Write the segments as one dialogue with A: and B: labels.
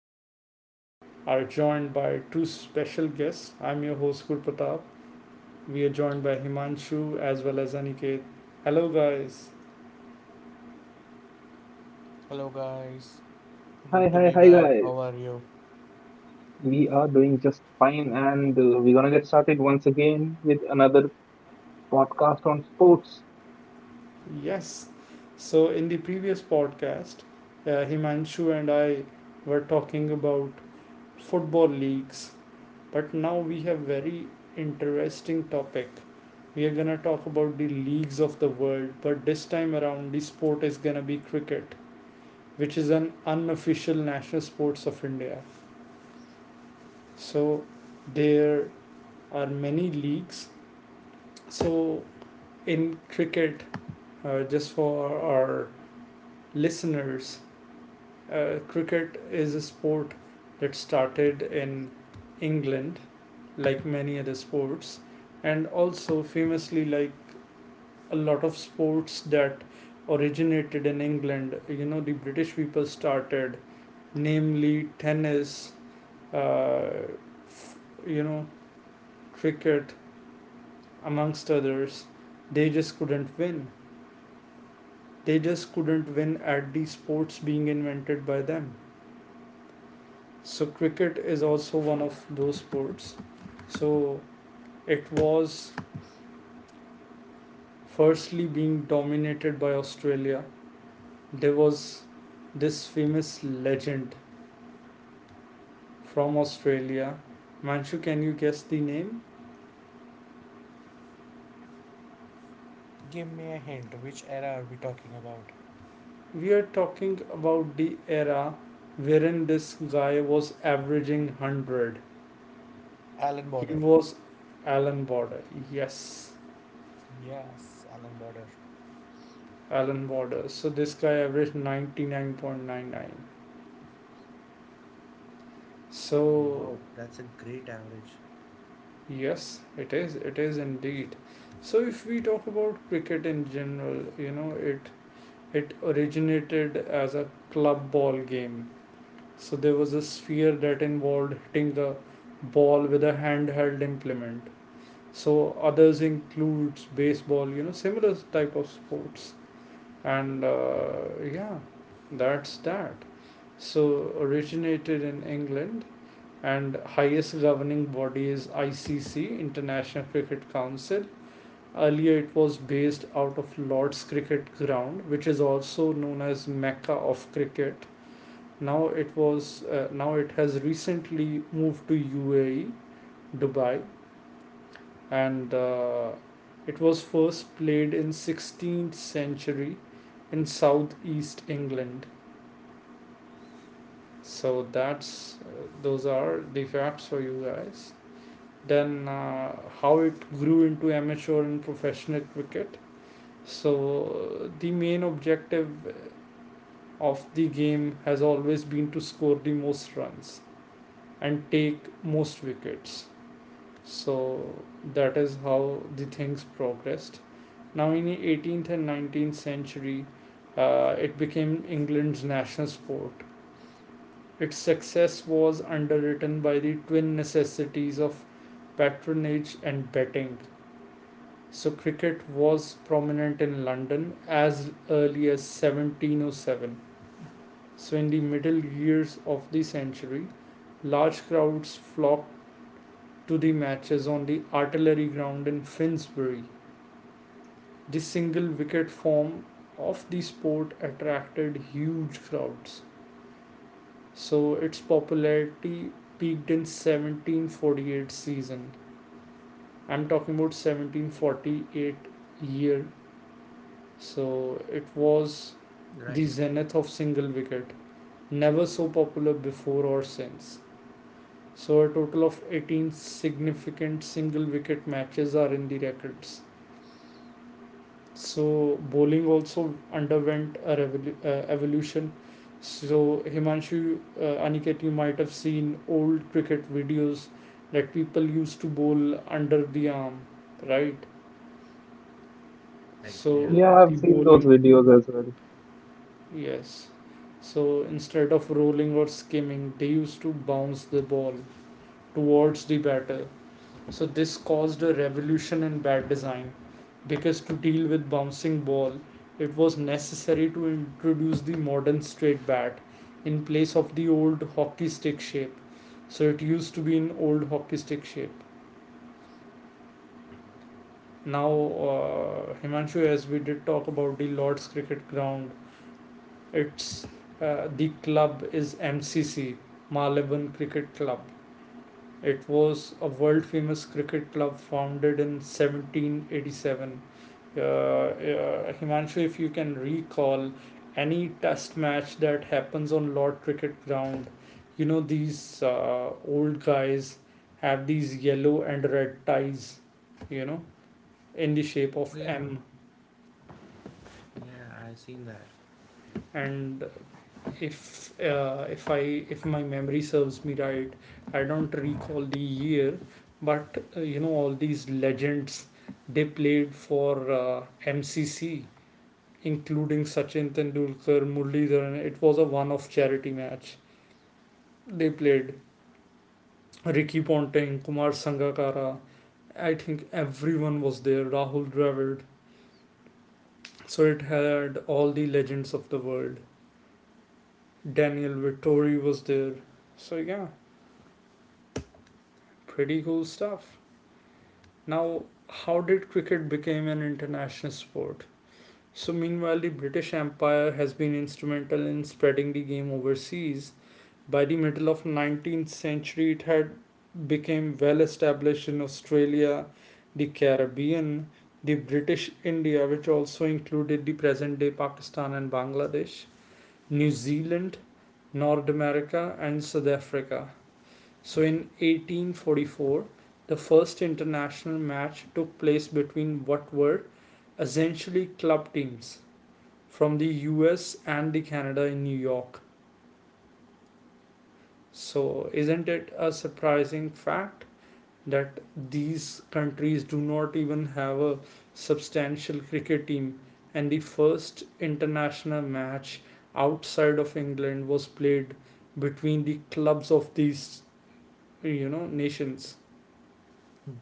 A: we are joined by two special guests. I'm your host, Kur. We are joined by Himanshu as well as Aniket. Hello, guys.
B: Hello guys,
C: Hi,
B: good to
C: hi,
B: be
C: hi,
B: back. How
C: guys.
B: are you?
C: We are doing just fine, and we're gonna get started once again with another podcast on sports.
A: Yes. So, in the previous podcast, Himanshu and I were talking about football leagues, but now we have very interesting topic. We are gonna talk about the leagues of the world, but this time around, the sport is gonna be cricket which is an unofficial national sports of India. So there are many leagues. So in cricket, just for our listeners, cricket is a sport that started in England, like many other sports, and also famously like a lot of sports that originated in England. You know, the British people started, namely tennis, uh, you know, cricket, amongst others, they just couldn't win. They just couldn't win at the sports being invented by them. So, cricket is also one of those sports. So, it was firstly being dominated by Australia. There was this famous legend from Australia. Manshu, can you guess the name?
B: Give me a hint. Which era are we talking about?
A: We are talking about the era wherein this guy was averaging 100.
B: Alan
A: He
B: Border.
A: was Alan Border. Yes,
B: Yes, Alan Border.
A: Alan Border. So this guy averaged 99.99. So,
B: Wow, that's a great average.
A: yes, it is. It is indeed. So if we talk about cricket in general, you know, it originated as a club ball game. So there was a sphere that involved hitting the ball with a handheld implement. So others includes baseball, you know, similar type of sports. And yeah, that's that. So originated in England and highest governing body is ICC, International Cricket Council. Earlier it was based out of Lord's Cricket Ground, which is also known as Mecca of cricket. Now it has recently moved to UAE, Dubai, and it was first played in 16th century in southeast England. So that's those are the facts for you guys. Then how it grew into amateur and professional cricket. So the main objective of the game has always been to score the most runs and take most wickets. So that is how the things progressed. Now, in the 18th and 19th century, it became England's national sport. Its success was underwritten by the twin necessities of patronage and betting. So, cricket was prominent in London as early as 1707. So, in the middle years of the century, large crowds flocked to the matches on the artillery ground in Finsbury. The single wicket form of the sport attracted huge crowds, so its popularity peaked in 1748 season. I'm talking about 1748 year, so it was
B: Right,
A: the zenith of single wicket, never so popular before or since. So a total of 18 significant single wicket matches are in the records. So bowling also underwent a evolution. So Himanshu, Aniket, you might have seen old cricket videos that people used to bowl under the arm, right?
B: right, yeah.
A: So
C: Yeah, I've
A: the
C: seen those
A: bowling,
C: videos as well.
A: yes. So instead of rolling or skimming, they used to bounce the ball towards the batter. So this caused a revolution in bat design because to deal with bouncing ball, it was necessary to introduce the modern straight bat in place of the old hockey stick shape. So it used to be an old hockey stick shape. Now, Himanshu, as we did talk about the Lord's Cricket Ground, it's the club is MCC, Malibon Cricket Club. It was a world famous cricket club founded in 1787. Himanshu, if you can recall any test match that happens on Lord Cricket Ground, you know, these old guys have these yellow and red ties, you know, in the shape
B: Oh
A: of
B: yeah,
A: M.
B: yeah, I seen that.
A: And if I, if my memory serves me right, I don't recall the year, but you know all these legends they played for MCC including Sachin Tendulkar, Murali Dharan. It was a one-off charity match. They played Ricky Ponting, Kumar Sangakkara. I think everyone was there. Rahul Dravid. So it had all the legends of the world. Daniel Vittori was there. So yeah, pretty cool stuff. Now, how did cricket become an international sport? So meanwhile, the British Empire has been instrumental in spreading the game overseas. By the middle of 19th century it had become well established in Australia, the Caribbean, the British India which also included the present day Pakistan and Bangladesh, New Zealand, North America, and South Africa. So in 1844 the first international match took place between what were essentially club teams from the US and the Canada in New York. So isn't it a surprising fact that these countries do not even have a substantial cricket team and the first international match outside of England was played between the clubs of these, you know, nations.
B: Hmm,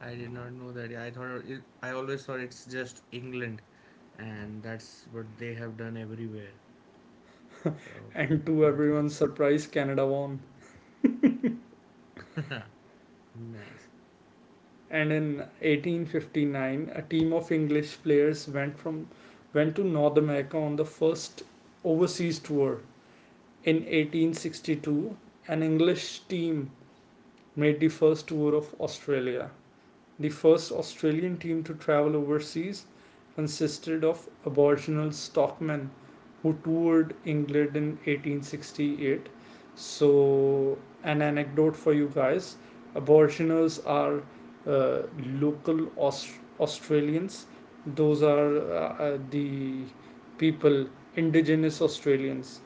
B: I did not know that. I always thought it's just England, and that's what they have done everywhere. So
A: And to
B: that's
A: everyone's surprise Canada won.
B: it. Nice.
A: And in 1859 a team of English players went to North America on the first overseas tour. In 1862 an English team made the first tour of Australia. The first Australian team to travel overseas consisted of Aboriginal stockmen who toured England in 1868. So, an anecdote for you guys. Aboriginals are uh, local Australians, those are the people, indigenous Australians.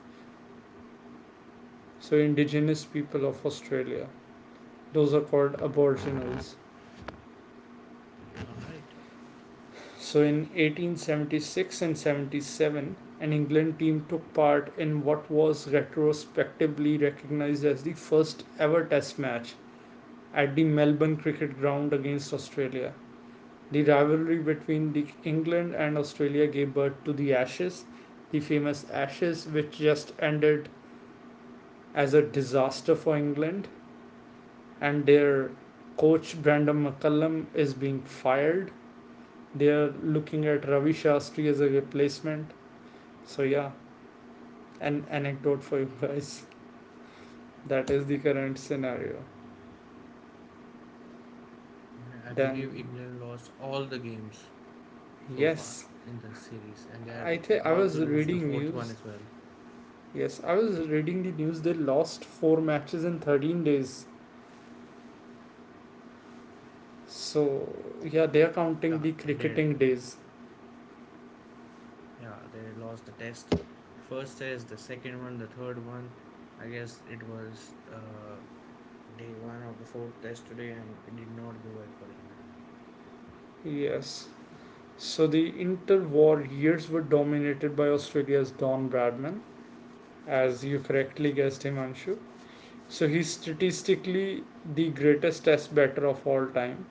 A: So, indigenous people of Australia, those are called Aboriginals.
B: All right.
A: So in 1876 and 77, an England team took part in what was retrospectively recognized as the first ever test match at the Melbourne Cricket Ground against Australia. The rivalry between the England and Australia gave birth to the Ashes, the famous Ashes which just ended as a disaster for England and their coach Brandon McCullum is being fired. They are looking at Ravi Shastri as a replacement. So yeah, an anecdote for you guys. That is the current scenario.
B: Yeah, I believe
A: Then
B: England lost all the games so far
A: yes,
B: in the series, and they're
A: I think I
B: about to
A: was
B: lose the
A: reading
B: fourth one
A: news.
B: as well.
A: Yes, I was reading the news. They lost four matches in 13 days. So yeah, they are counting
B: Yeah,
A: the
B: they did.
A: cricketing days.
B: Yeah, they lost the test. First test, the second one, the third one. I guess it was day one of the fourth test today, and it did not go well for England.
A: Yes. So the interwar years were dominated by Australia's Don Bradman, as you correctly guessed, Himanshu. So he's statistically the greatest test batter of all time.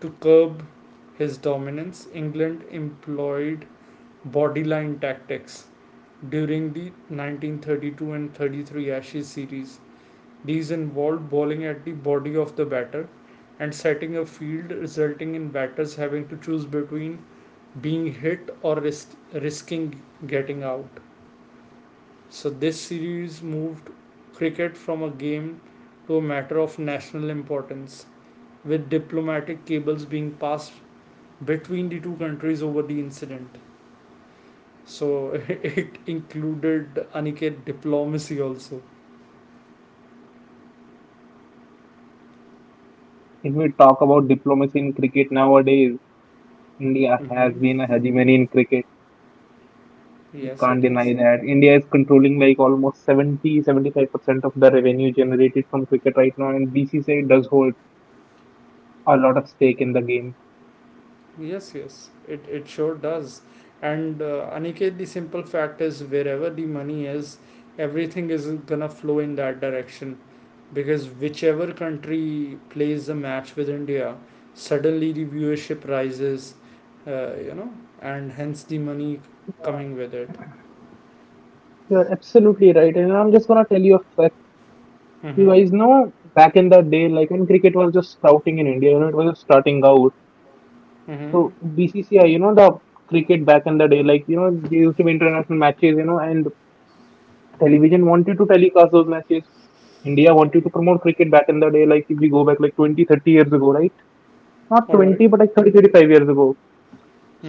A: To curb his dominance, England employed bodyline tactics during the 1932 and 33 Ashes series. These involved bowling at the body of the batter and setting a field, resulting in batters having to choose between being hit or risking getting out. So, this series moved cricket from a game to a matter of national importance, with diplomatic cables being passed between the two countries over the incident. So it included Aniket diplomacy also.
C: If we talk about diplomacy in cricket nowadays, India has
A: Mm-hmm.
C: been a hegemony in cricket. We
A: Yes, it
C: can't
A: is.
C: deny that. India is controlling like almost 70-75% of the revenue generated from cricket right now, and BCCI does hold a lot of stake in the game.
A: Yes, it sure does. And Aniket, the simple fact is, wherever the money is, everything is gonna flow in that direction. Because whichever country plays a match with India, suddenly the viewership rises, uh, you know, and hence the money
C: Uh,
A: coming with it.
C: You're absolutely right, and I'm just gonna tell you a fact. You
A: Mm-hmm.
C: guys know back in the day, like when cricket was just sprouting in India, it was just starting out.
A: Mm-hmm.
C: So BCCI, the cricket back in the day, there used to be international matches, and television wanted to telecast those matches. India wanted to promote cricket back in the day, like if we go back like 20, 30 years ago, right? Not
A: All right.
C: 20, but like 30, 35 years ago.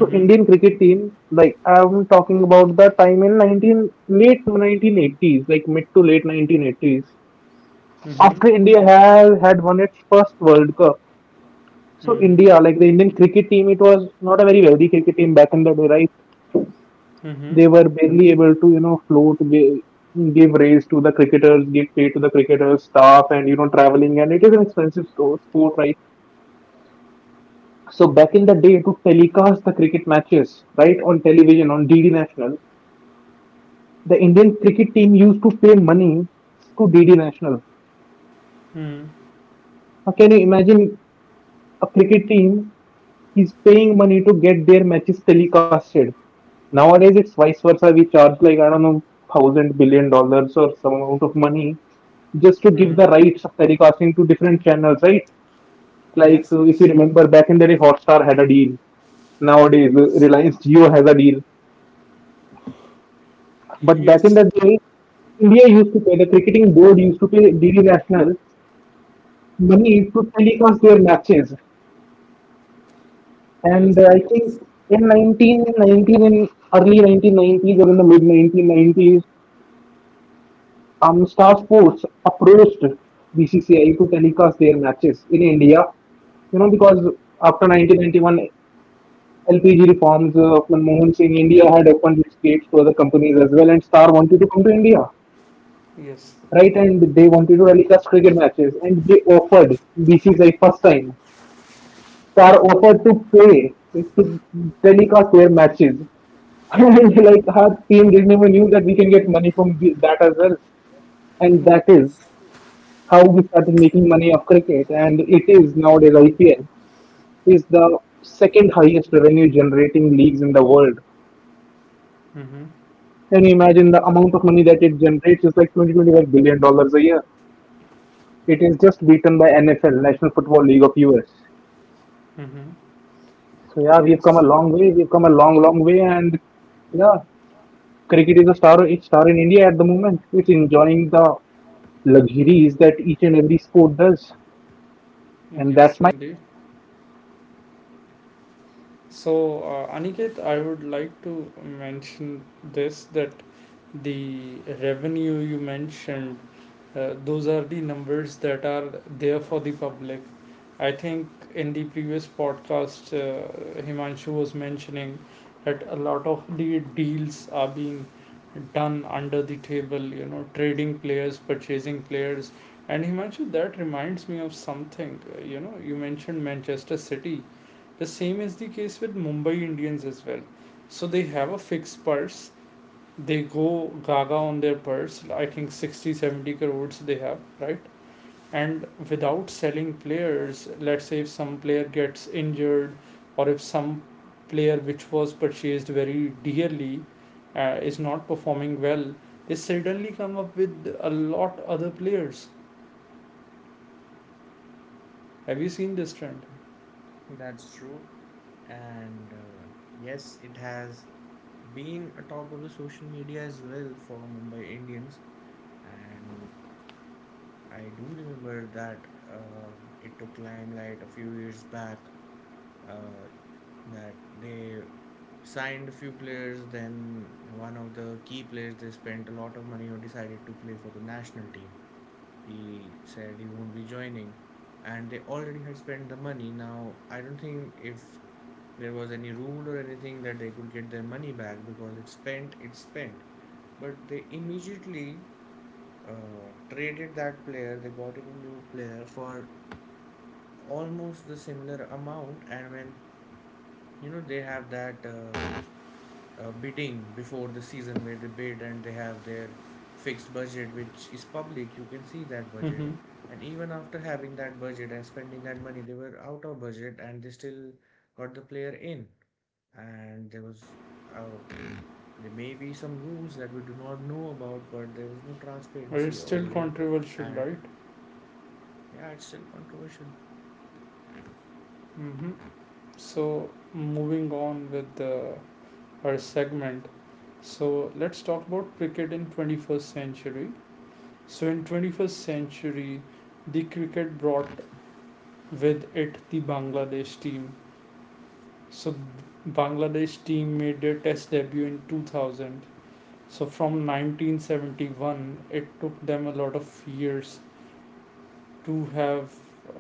C: So Indian cricket team, like I'm talking about the time in 19 late 1980s, like mid to late 1980s,
A: Mhm.
C: after India has had won its first World Cup. So
A: Mhm.
C: India, like the Indian cricket team, it was not a very wealthy cricket team back in the day, right?
A: Mhm.
C: They were barely able to, you know, float, give raise to the cricketers, give pay to the cricketers, staff, and you know, traveling, and it is an expensive sport, right? So back in the day, to telecast the cricket matches, right, on television on DD National, the Indian cricket team used to pay money to DD National.
A: Mhm.
C: Now, can you imagine a cricket team he's paying money to get their matches telecasted? Nowadays, it's vice versa. We charge like I don't know $1,000 billion or some amount of money just to give
A: Mhm.
C: the rights of telecasting to different channels, right? Like
A: Yes.
C: if you remember back in the day, Hotstar had a deal. Nowadays,
A: Yes.
C: Reliance Jio has a deal. But back in
A: Yes.
C: the day, India used to pay, the cricketing board used to pay DD National money to telecast their matches.
A: Yes.
C: And I
A: Yes.
C: think in 1919, in early 1990s or in the mid 1990s, Star Sports approached BCCI to telecast their matches in India. You know, because after 1991, LPG reforms of Manmohan Singh, India had opened its gates to other companies as well, and Star wanted to come to India,
A: Yes.
C: right? And they wanted to telecast cricket matches, and they offered BCCI first time. Are offered to pay to telecast their matches. And like our team didn't even knew that we can get money from that as well. And
A: Yes.
C: that is how we started making money of cricket. And it is nowadays IPL is the second highest revenue generating leagues in the world.
A: Mhm.
C: Can you imagine the amount of money that it generates is like $20-25 billion a year. It is just beaten by NFL, National Football League of US.
A: Mhm.
C: So yeah, we've come a
A: Yes.
C: long way. We've come a long, long way, and yeah, cricket is a star it's star in India at the moment. It's enjoying the luxuries that each and every sport does. And that's
A: Yes,
C: my
A: indeed. So, Aniket, I would like to mention this that the revenue you mentioned, those are the numbers that are there for the public. I think in the previous podcast Himanshu was mentioning that a lot of the deals are being done under the table, you know, trading players, purchasing players. And Himanshu, that reminds me of something. You know, you mentioned Manchester City. The same is the case with Mumbai Indians as well. So they have a fixed purse. They go gaga on their purse. I think 60 70 crores they have, right? And without selling players, let's say if some player gets injured or if some player which was purchased very dearly is not performing well, they suddenly come up with a lot other players. Have you seen this trend?
B: That's true. And yes, it has been a talk of the social media as well for Mumbai Indians. And I do remember that uh, it took Limelight a few years back uh, that they signed a few players, then one of the key players they spent a lot of money or decided to play for the national team. He said he won't be joining, and they already had spent the money. Now, I don't think if there was any rule or anything that they could get their money back because it's spent, it's spent. But they immediately traded that player, they got in a new player for almost the similar amount. And when you know they have that bidding before the season where they bid and they have their fixed budget, which is public, you can see that budget.
A: Mm-hmm.
B: And even after having that budget and spending that money, they were out of budget and they still got the player in. And uh, there may be some rules that we do not know about, but there was no
A: But it's
B: transparency
A: still
B: over it.
A: controversial,
B: And
A: right?
B: yeah, it's still controversial.
A: Mm-hmm. So moving on with our segment. So let's talk about cricket in 21st century. So in 21st century, the cricket brought with it the Bangladesh team. So Bangladesh team made their test debut in 2000. So from 1971, it took them a lot of years to have uh,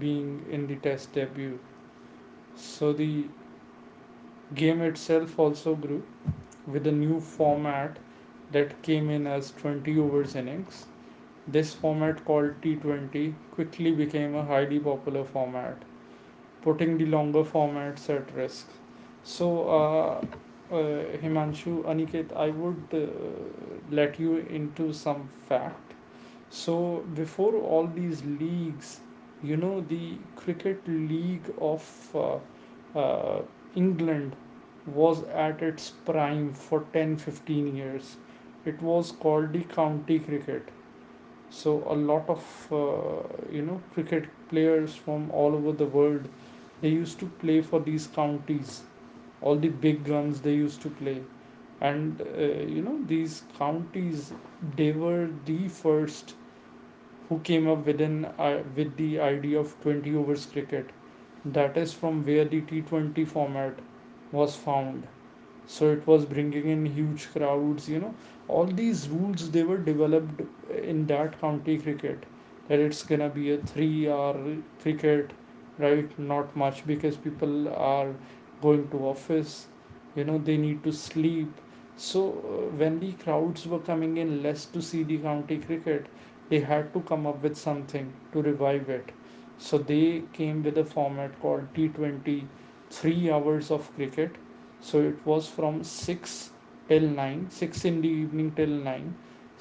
A: being in the test debut. So the game itself also grew with a new format that came in as 20 overs innings. This format, called T20, quickly became a highly popular format, putting the longer formats at risk. So, Himanshu, Aniket, I would let you into some fact. So, before all these leagues, you know, the Cricket League of England was at its prime for 10 to 15 years. It was called the county cricket. So a lot of you know cricket players from all over the world they used to play for these counties. All the big guns they used to play, and you know these counties they were the first who came up with an I with the idea of 20 overs cricket. That is from where the T20 format was found, so it was bringing in huge crowds. All these rules, they were developed in that county cricket, that it's gonna be a 3-hour cricket, right? Not much, because people are going to office. They need to sleep. So when the crowds were coming in less to see the county cricket, they had to come up with something to revive it. So they came with a format called T20, 3 hours of cricket. So it was from 6 till 9, 6 in the evening till 9.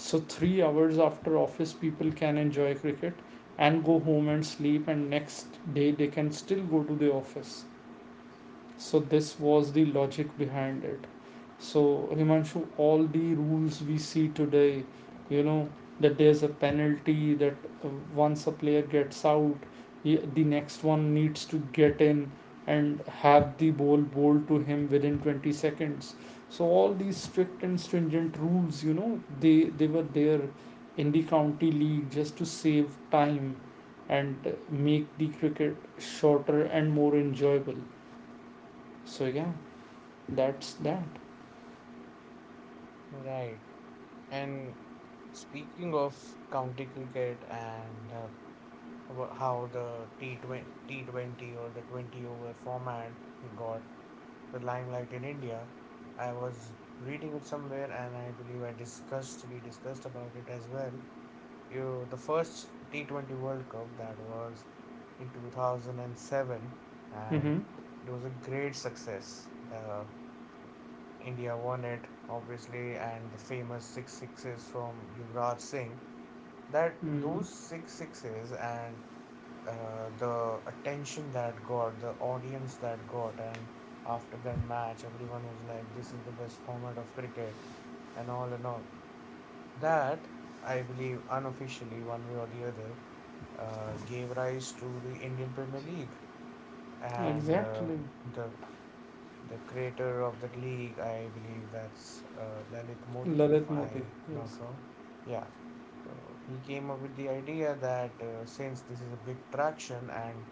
A: So 3 hours after office people can enjoy cricket and go home and sleep, and next day they can still go to the office. So this was the logic behind it. So, Himanshu, all the rules we see today, you know that there's a penalty, that uh, once a player gets out, the next one needs to get in and have the ball bowled to him within 20 seconds. So all these strict and stringent rules. They were there in the county league, just to save time and make the cricket shorter and more enjoyable. So yeah, that's that.
B: Right. And speaking of county cricket and about how the T20 or the 20 over format got the limelight in India, I was reading it somewhere and I believe we discussed about it as well. The first T20 World Cup that was in 2007, and
A: Mm-hmm.
B: it was a great success. The India won it, obviously, and the famous six sixes from Yuvraj Singh. That
A: Mm-hmm.
B: those six sixes, and the attention that got, the audience that got, and after that match, everyone was like, "This is the best format of cricket," and all and all. That I believe unofficially, one way or the other, gave rise to the Indian Premier League, and
A: Exactly.
B: the the creator of the league, I believe that's Lalit Modi, if
A: Lalit Modi.
B: I'm
A: Yes.
B: not wrong. Yeah. So he came up with the idea that since this is a big traction, and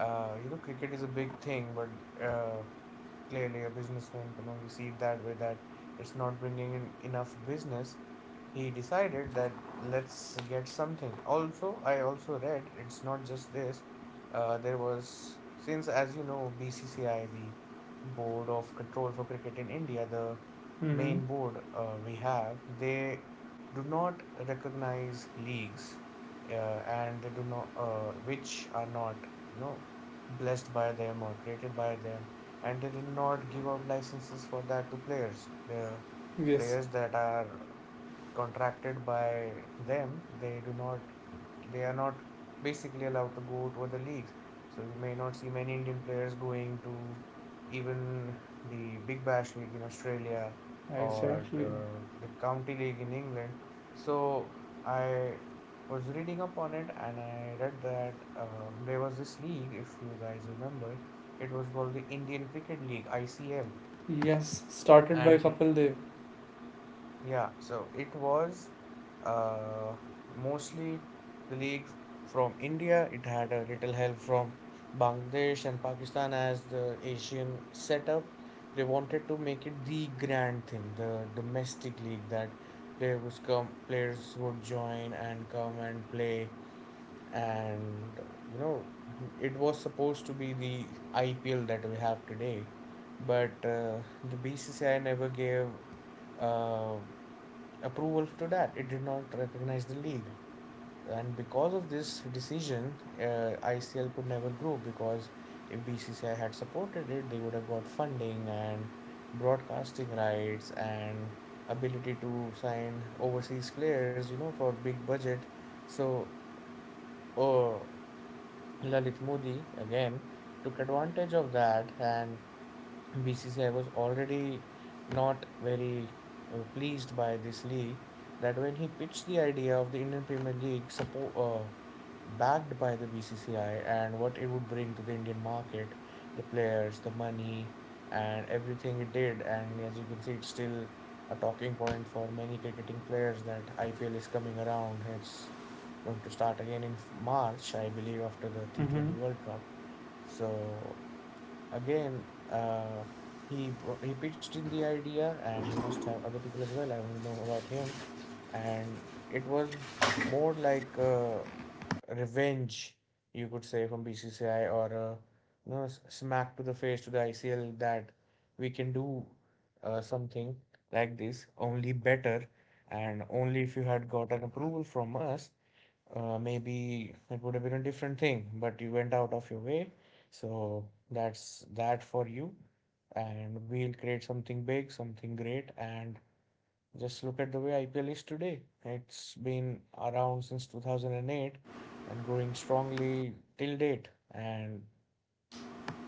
B: you know cricket is a big thing, but clearly, a businessman can only see it that way, that it's not bringing in enough business. He decided that let's get something. Also, I also read it's not just this. There was, since as you know, BCCI, the Board of Control for Cricket in India, the
A: Mm-hmm.
B: main board we have, they do not recognize leagues, and they do not, which are not, you know, blessed by them or created by them, and they did not give out licenses for that to players. The
A: Yes.
B: players that are contracted by them, they are not basically allowed to go to other leagues. So you may not see many Indian players going to even the Big Bash League in Australia or
A: Exactly.
B: the County League in England. So I was reading up on it and I read that there was this league, if you guys remember, it was called the Indian Cricket League, ICL.
A: Yes. Started by
B: And
A: Kapil Dev.
B: yeah, so it was uh, mostly colleagues from India. It had a little help from Bangladesh and Pakistan as the Asian setup. They wanted to make it the grand thing, the domestic league that they was come players would join and come and play, and you know it was supposed to be the IPL that we have today, but the BCCI never gave uh, approval to that. It did not recognize the league. And because of this decision, ICL could never grow because if BCCI had supported it, they would have got funding and broadcasting rights and ability to sign overseas players, you know, for big budget. So, uh Lalit Modi again took advantage of that, and BCCI was already not very pleased by this league, that when he pitched the idea of the Indian Premier League support backed by the BCCI and what it would bring to the Indian market, the players, the money, and everything it did. And as you can see, it's still a talking point for many cricketing players that IPL is coming around. It's going to start again in March, I believe, after the
A: Mm-hmm.
B: T20 World Cup. So again, he pitched in the idea, and he must have other people as well. I only know about him, and it was more like a revenge, you could say, from BCCI, or a smack to the face to the ICL, that we can do something like this only better, and only if you had got an approval from us, maybe it would have been a different thing, but you went out of your way. So that's that for you. And we'll create something big, something great. And just look at the way IPL is today. It's been around since 2008 and growing strongly till date, and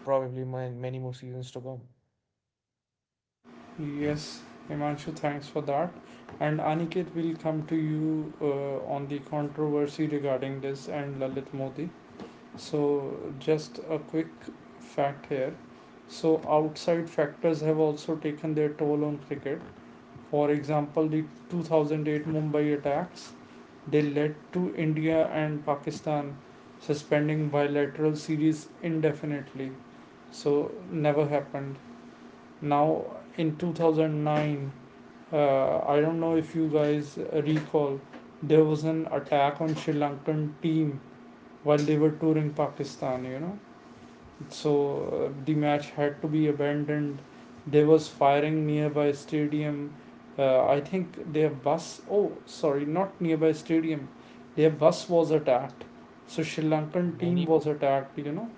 B: probably many more seasons to come.
A: Yes. Himanshu, thanks for that. And Aniket will come to you on the controversy regarding this and Lalit Modi. So, just a quick fact here. So, outside factors have also taken their toll on cricket. For example, the 2008 Mumbai attacks, they led to India and Pakistan suspending bilateral series indefinitely. So, never happened. Now in 2009, I don't know if you guys recall, there was an attack on Sri Lankan team while they were touring Pakistan. You know, so the match had to be abandoned. There was firing nearby stadium. I think their bus, oh sorry, not nearby stadium, their bus was attacked. So Sri Lankan
B: Yeah,
A: team
B: many,
A: was attacked, you know.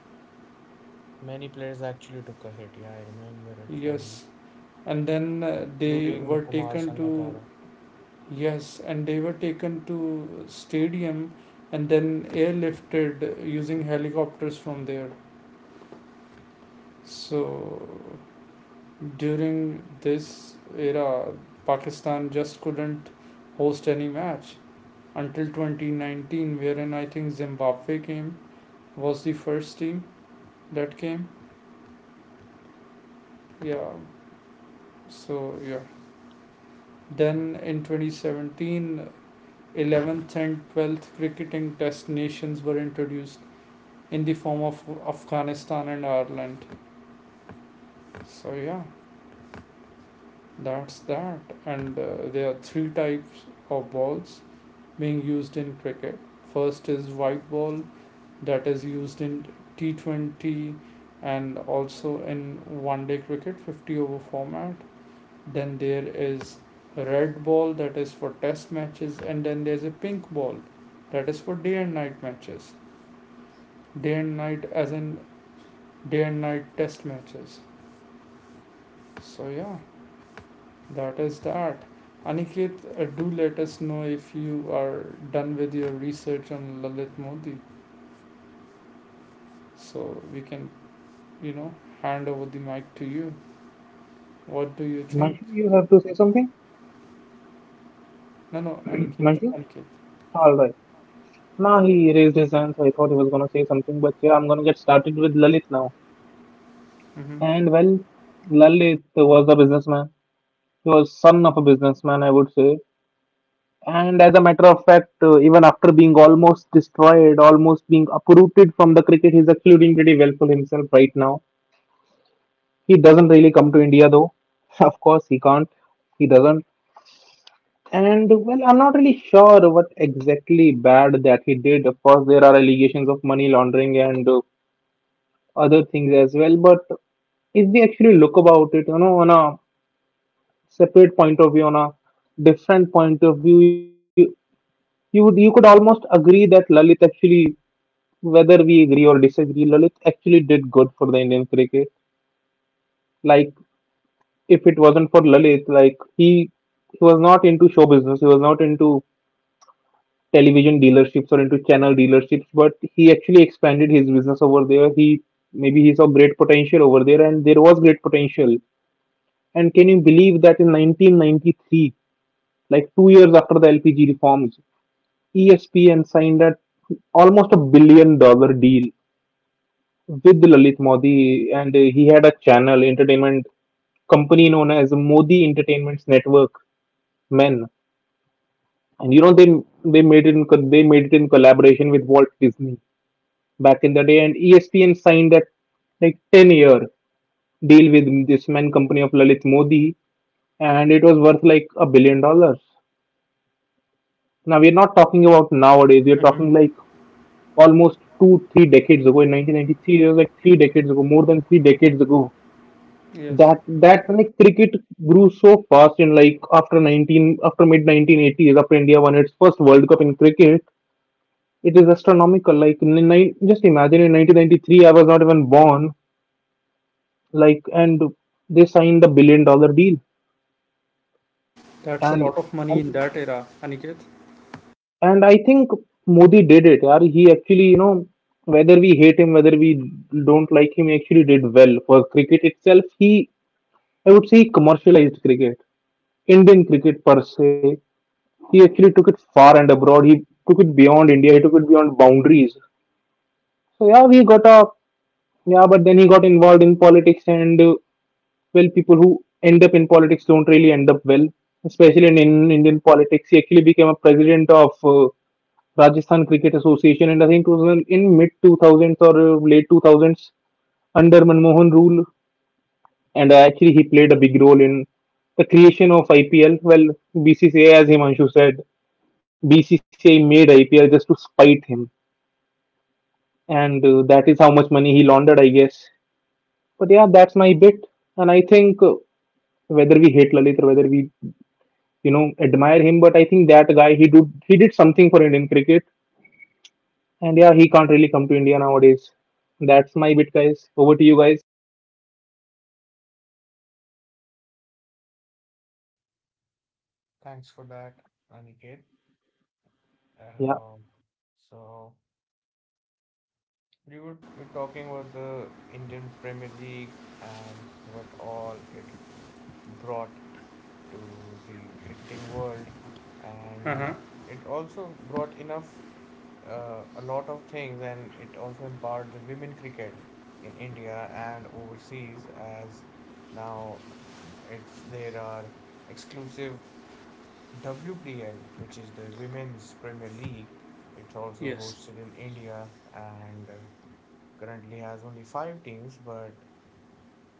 B: many players actually took a hit. Yeah, I remember it fondly,
A: Yes, and then they
B: including
A: were
B: Kumar
A: taken to.
B: Sangakkara.
A: Yes, and they were taken to stadium and then airlifted using helicopters from there. So during this era, Pakistan just couldn't host any match until 2019, wherein I think Zimbabwe came, was the first team that came. Yeah, so yeah.
B: Yeah.
A: Then in 2017, 11th and 12th cricketing test nations were introduced in the form of Afghanistan and Ireland. So yeah, that's that. And there are three types of balls being used in cricket. First is white ball that is used in T20 and also in one day cricket, 50 over format. Then there is red ball that is for test matches, and then there's a pink ball that is for day and night matches. Day and night as in day and night test matches. So yeah, that is that. Aniket, do let us know if you are done with your research on Lalit Modi, so we can, you know, hand over the mic to you. What do you think?
C: Himanshu, you have to say something?
A: No, no, Aniket,
C: Himanshu?
A: Aniket.
C: Alright. Now he raised his hand, so I thought he was gonna say something, but yeah, I'm gonna get started with Lalit now.
A: Mm-hmm.
C: And well, Lalit was a businessman. He was son of a businessman, I would say. And as a matter of fact, even after being almost destroyed, almost being uprooted from the cricket, he's actually doing pretty well for himself right now. He doesn't really come to India though. Of course, he can't. He doesn't. And well, I'm not really sure what exactly bad that he did. Of course, there are allegations of money laundering and other things as well. But if we actually look about it, you know, on a separate point of view, on a different point of view, you could almost agree that Lalit actually, whether we agree or disagree, Lalit actually did good for the Indian cricket. Like if it wasn't for Lalit, like he was not into show business. He was not into television dealerships or into channel dealerships, but he actually expanded his business over there. He Maybe he saw great potential over there, and there was great potential. And can you believe that in 1993, like 2 years after the LPG reforms, ESPN signed a almost $1 billion deal with Lalit Modi, and he had a channel entertainment company known as Modi Entertainments Network Men. And they made it in collaboration with Walt Disney back in the day, and ESPN signed that like 10-year deal with this man company of Lalit Modi, and it was worth like $1 billion. Now we're not talking about nowadays; we're
A: Hmm.
C: talking like almost two three decades ago. In 1993, it was like three decades ago, more than three decades ago.
A: Yes.
C: That that, like, cricket grew so fast in like after 19 after mid 1980s after India won its first World Cup in cricket. It is astronomical. Like just imagine in 1993, I was not even born. Like, and they signed the billion-dollar deal.
A: That's a
C: And
A: lot of
C: I
A: money in
C: mean,
A: that era, Aniket.
C: and I think Modi did it. Yaar. He actually, you know, whether we hate him, whether we don't like him, he actually did well for cricket itself. He, I would say, he commercialized cricket, Indian cricket per se. He actually took it far and abroad. He took it beyond India. He took it beyond boundaries. So yeah, we got a yeah, but then he got involved in politics and well, people who end up in politics don't really end up well, especially in Indian politics. He actually became a president of Rajasthan Cricket Association, and I think it was in mid 2000s or late 2000s under Manmohan rule. And actually, he played a big role in the creation of IPL. Well, BCCI, as Himanshu said, BCCI made IPL just to spite him, and that is how much money he laundered, I guess. But yeah, that's my bit, and I think whether we hate Lalit or whether we you know admire him, but I think that guy, he did something for Indian cricket. And yeah, he can't really come to India nowadays. That's my bit, guys. Over to you guys.
B: Thanks for that, Aniket. And
C: Yeah,
B: so we're talking about the Indian Premier League and what all it brought to the cricketing world, and
A: Uh-huh.
B: it also brought enough a lot of things, and it also empowered the women cricket in India and overseas as now it's there are exclusive WPL, which is the Women's Premier League. It's also
A: Yes,
B: hosted in India and currently has only five teams, but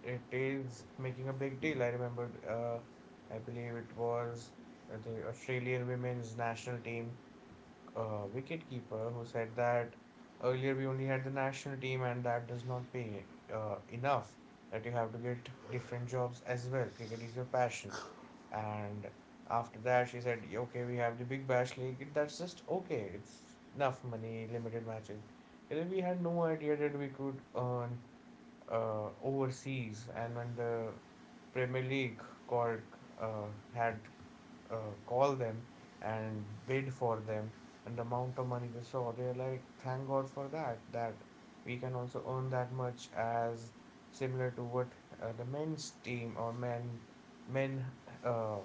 B: it is making a big deal. I remember, I believe it was the Australian women's national team wicketkeeper, who said that earlier we only had the national team and that does not pay enough, that you have to get different jobs as well. Cricket is your passion. And after that, she said, "Yeah, okay, we have the Big Bash League. That's just okay. It's enough money, limited matches. And then we had no idea that we could earn overseas. And when the Premier League called, had, call them and bid for them, and the amount of money they saw, they're like thank god for that, that we can also earn that much as similar to what the men's team, or men men uh,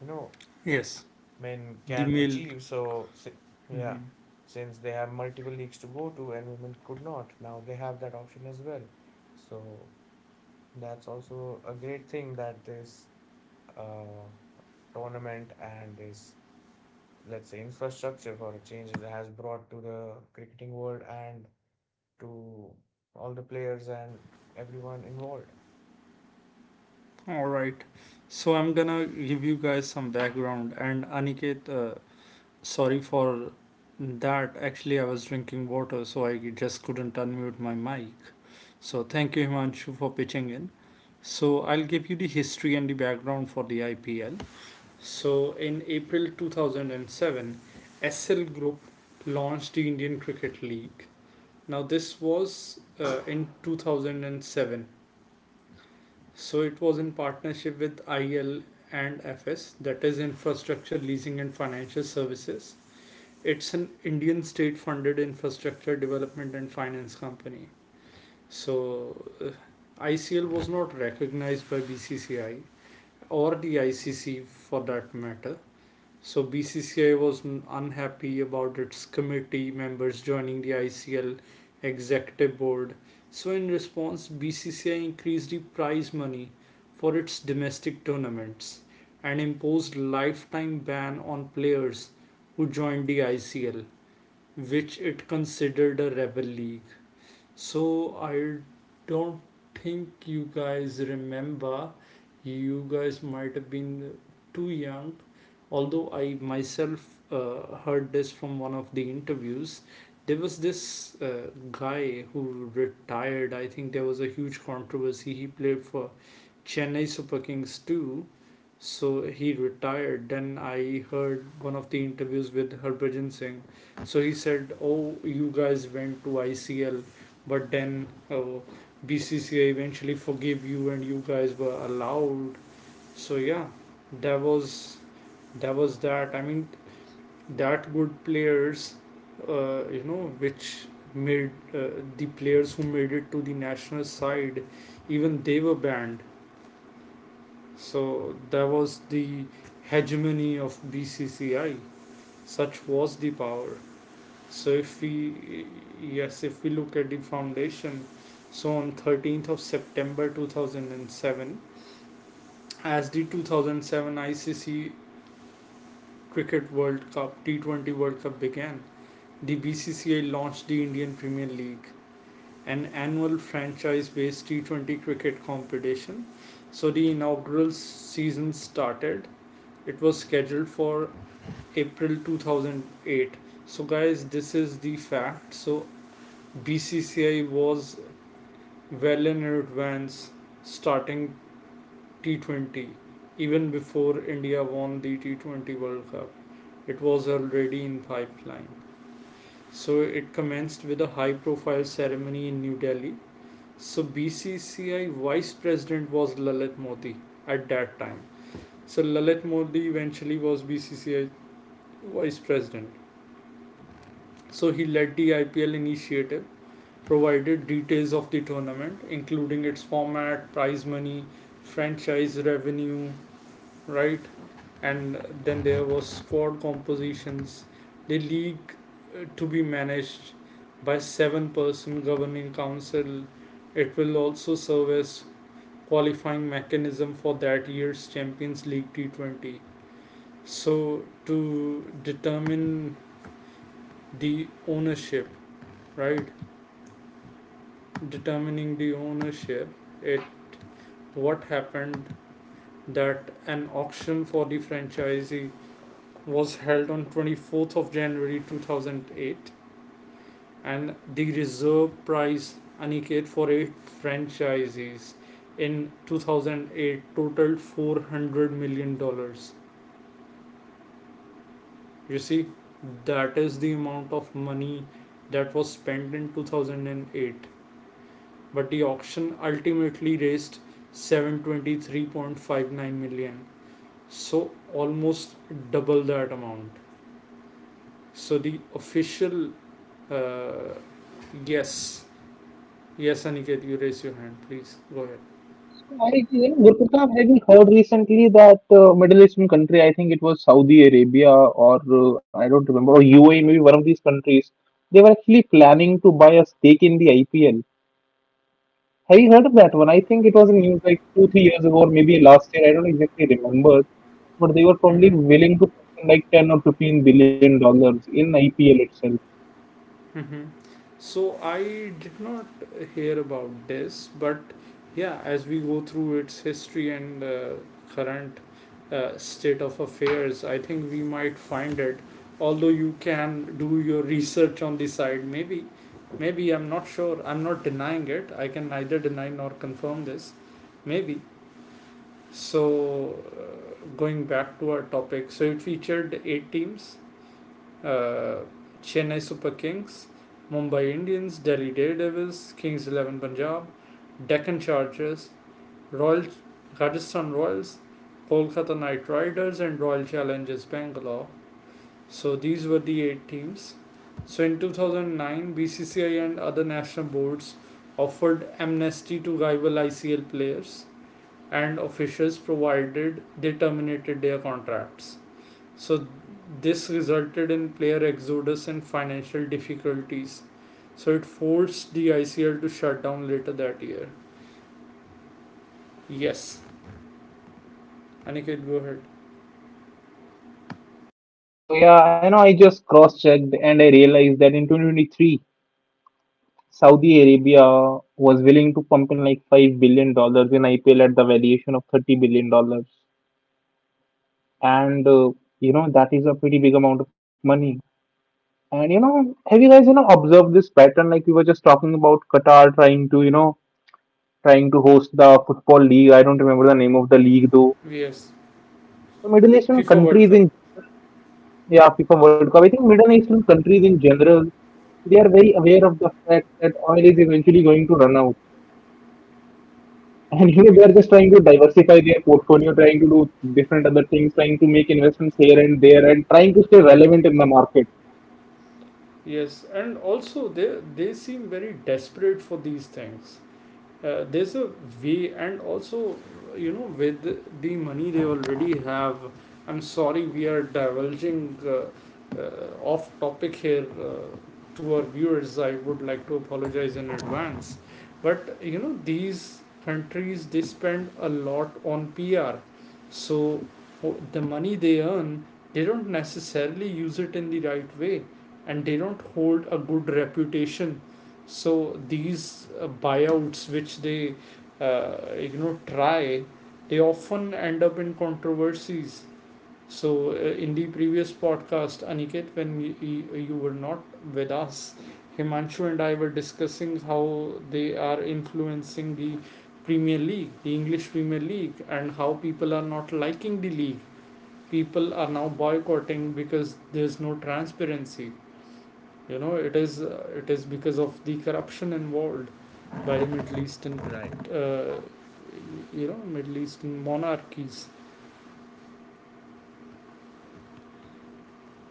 B: you know
A: yes,
B: men
A: the
B: can
A: mill.
B: achieve. So yeah,
A: Mhm.
B: since they have multiple leagues to go to and women could not, now they have that option as well. So that's also a great thing that this uh, tournament and this, let's say, infrastructure for a change, it has brought to the cricketing world and to all the players and everyone involved.
A: All right. So I'm gonna give you guys some background, and Aniket, sorry for that. Actually, I was drinking water, so I just couldn't unmute my mic. So, thank you, Himanshu, for pitching in. So, I'll give you the history and the background for the IPL. So, in April 2007, SL Group launched the Indian Cricket League. Now, this was in 2007. So, it was in partnership with IL and FS, that is, Infrastructure Leasing and Financial Services. It's an Indian state funded infrastructure development and finance company. So ICL was not recognized by BCCI or the ICC for that matter. So BCCI was unhappy about its committee members joining the ICL executive board. So in response, BCCI increased the prize money for its domestic tournaments and imposed lifetime ban on players who joined the ICL, which it considered a rebel league. So I don't think you guys remember. You guys might have been too young. Although I myself heard this from one of the interviews, there was this guy who retired. I think there was a huge controversy. He played for Chennai Super Kings too. So he retired. Then I heard one of the interviews with Harbhajan Singh. So he said, "Oh, you guys went to ICL, but then oh, BCCI eventually forgave you and you guys were allowed." So yeah, that was that was that. I mean, that good players, which made uh, the players who made it to the national side, even they were banned. So that was the hegemony of BCCI. Such was the power. So if we yes, if we look at the foundation, so on 13th of September 2007, as the 2007 ICC Cricket World Cup T20 World Cup began, the BCCI launched the Indian Premier League, an annual franchise-based T20 cricket competition. So the inaugural season started, it was scheduled for April 2008. So, guys, this is the fact. So, BCCI was well in advance starting T20 even before India won the T20 World Cup. It was already in pipeline. So, it commenced with a high profile ceremony in New Delhi. So, BCCI vice president was Lalit Modi at that time. So, Lalit Modi eventually was BCCI vice president. So he led the IPL initiative, provided details of the tournament, including its format, prize money, franchise revenue, right? And then there was squad compositions, the league to be managed by 7-person governing council. It will also serve as qualifying mechanism for that year's Champions League T20. So to determine the ownership, right? Determining the ownership, it what happened that an auction for the franchisee was held on 24th of January 2008, and the reserve price, Aniket, for eight franchisees in 2008 totaled $400 million. You see, that is the amount of money that was spent in 2008, but the auction ultimately raised 723.59 million. So almost double that amount. So the official, uh, yes, yes, Aniket, you raise your hand, please, go ahead.
C: so I, Gurpratap, having heard recently that Middle Eastern country, I think it was Saudi Arabia, or I don't remember, or UAE, maybe one of these countries, they were actually planning to buy a stake in the IPL. Have you heard of that one? I think it was in news like two, 3 years ago, or maybe last year. I don't exactly remember, but they were probably
A: Mm-hmm.
C: willing to put in like $10 or 15 billion in IPL itself.
A: Mm-hmm. So I did not hear about this, but yeah, as we go through its history and current state of affairs, I think we might find it. Although you can do your research on the side, maybe, maybe I'm not sure. I'm not denying it. I can neither deny nor confirm this. Maybe. So going back to our topic, so it featured eight teams, uh, Chennai Super Kings, Mumbai Indians, Delhi Daredevils, Kings XI Punjab, Deccan Chargers, Royal Rajasthan Royals, Kolkata Knight Riders, and Royal Challengers Bangalore. So these were the eight teams. So in 2009, BCCI and other national boards offered amnesty to rival ICL players and officials, provided they terminated their contracts. So this resulted in player exodus and financial difficulties. So it forced the ICL to shut down later that year. Yes. Aniket, go ahead.
C: So yeah, I know I just cross-checked and I realized that in 2023, Saudi Arabia was willing to pump in like $5 billion in IPL at the valuation of $30 billion. And you know that is a pretty big amount of money. And you know, have you guys observed this pattern, like we were just talking about Qatar trying to, trying to host the football league. I don't remember the name of the league though.
A: Yes.
C: The Middle Eastern
A: FIFA World
C: countries
A: Cup.
C: in, yeah, FIFA World Cup. I think Middle Eastern countries in general, they are very aware of the fact that oil is eventually going to run out, and you know they are
A: Yes.
C: just trying to diversify their portfolio, trying to do different other things, trying to make investments here and there, and trying to stay relevant in the market.
A: Yes, and also they seem very desperate for these things. There's a way, and also, you know, with the money they already have, I'm sorry, we are divulging off topic here. To our viewers, I would like to apologize in advance. But you know, these countries, they spend a lot on PR, so the money they earn, they don't necessarily use it in the right way, and they don't hold a good reputation. So these buyouts which they, you know, try, they often end up in controversies. So in the previous podcast, Aniket, when you were not with us, Himanshu and I were discussing how they are influencing the Premier League, the English Premier League, and how people are not liking the league. People are now boycotting because there's no transparency. It is, it is because of the corruption involved by the Middle Eastern,
B: Right.
A: uh, Middle Eastern monarchies.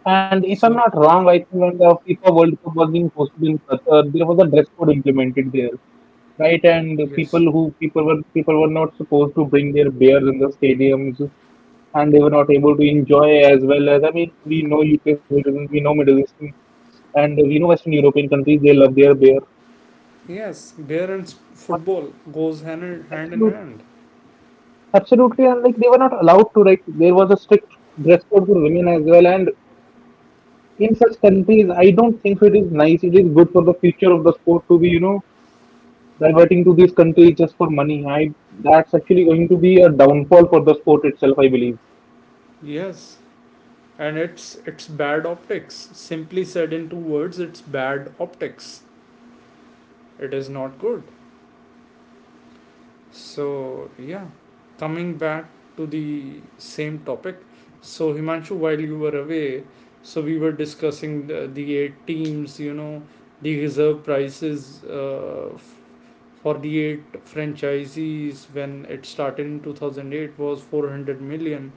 C: And if I'm not
A: So,
C: wrong, I think when the FIFA World Cup was being hosted in Qatar, there was a dress code implemented there. Right, and the
A: yes.
C: people were not supposed to bring their beers in the stadiums, and they were not able to enjoy as well as, I mean, we know UK citizens, we know Middle Eastern, and we know Western European countries. They love their beer,
A: Yes, beer and
C: but
A: football goes hand in hand in
C: absolute,
A: hand.
C: absolutely, and like they were not allowed to. Like there was a strict dress code for women as well, and in such countries, I don't think so. It is nice. It is good for the future of the sport to be, diverting to these countries just for money. I That's actually going to be a downfall for the sport itself, I believe.
A: Yes, and it's bad optics. Simply said, in two words, it's bad optics. It is not good. So, yeah, coming back to the same topic. So, Himanshu, while you were away, so we were discussing the eight teams, you know, the reserve prices, for the eight franchisees when it started in 2008 was 400 million,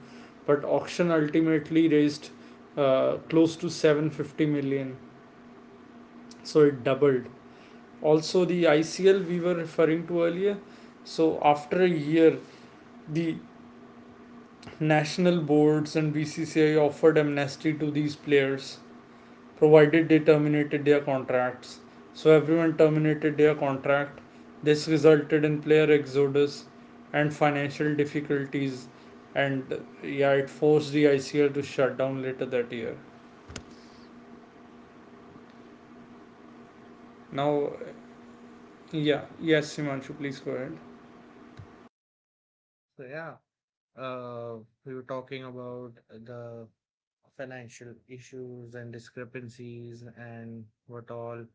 A: but auction ultimately raised, close to 750 million. So it doubled. Also, the ICL we were referring to earlier. So after a year, the national boards and BCCI offered amnesty to these players provided they terminated their contracts. So everyone terminated their contract. This resulted in player exodus and financial difficulties, and yeah, it forced the ICL to shut down later that year. Now yeah, yes, Himanshu, please go ahead.
B: So yeah, uh, we were talking about the financial issues and discrepancies and what all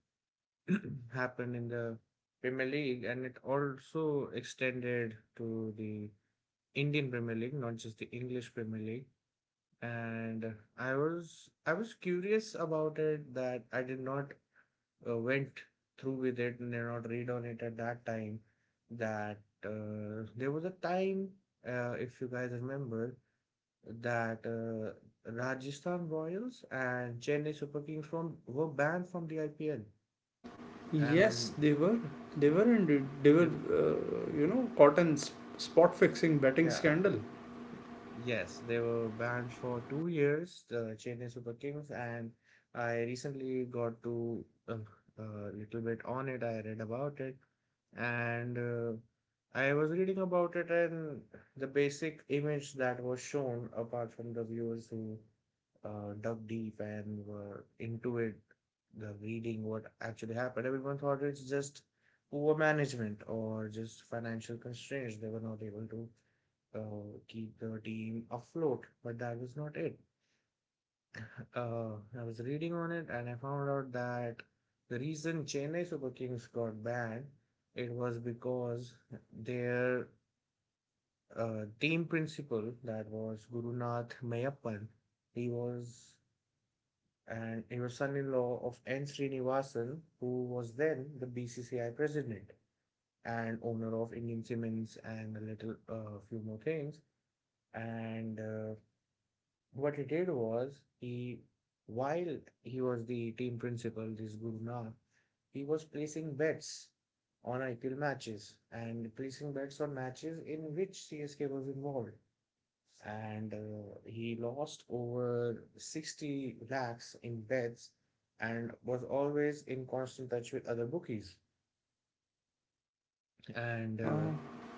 B: happened in the Premier League, and it also extended to the Indian Premier League, not just the English Premier League. And I was curious about it, that I did not went through with it and did not read on it at that time, that there was a time, if you guys remember, that Rajasthan Royals and Chennai Super Kings from were banned from the IPL.
A: Yes,
B: And
A: they were. They were indeed. They
B: they.
A: were, caught in spot fixing betting
B: Yeah.
A: scandal.
B: Yes, they were banned for 2 years, the Chennai Super Kings, and I recently got to a little bit on it. And uh, I was reading about it, and the basic image that was shown, apart from the viewers who dug deep and were into it, the reading what actually happened, everyone thought it's just poor management or just financial constraints. They were not able to uh, keep the team afloat, but that was not it. I was reading on it and I found out that the reason Chennai Super Kings got banned it was because their team principal that was Gurunath Mayappan he was he was son-in-law of N Srinivasan who was then the BCCI president and owner of Indian Cements and a little few more things and what he did was he while he was the team principal, this Guru Nanak, he was placing bets on IPL matches and placing bets on matches in which CSK was involved. And he lost over 60 lakhs in bets and was always in constant touch with other bookies and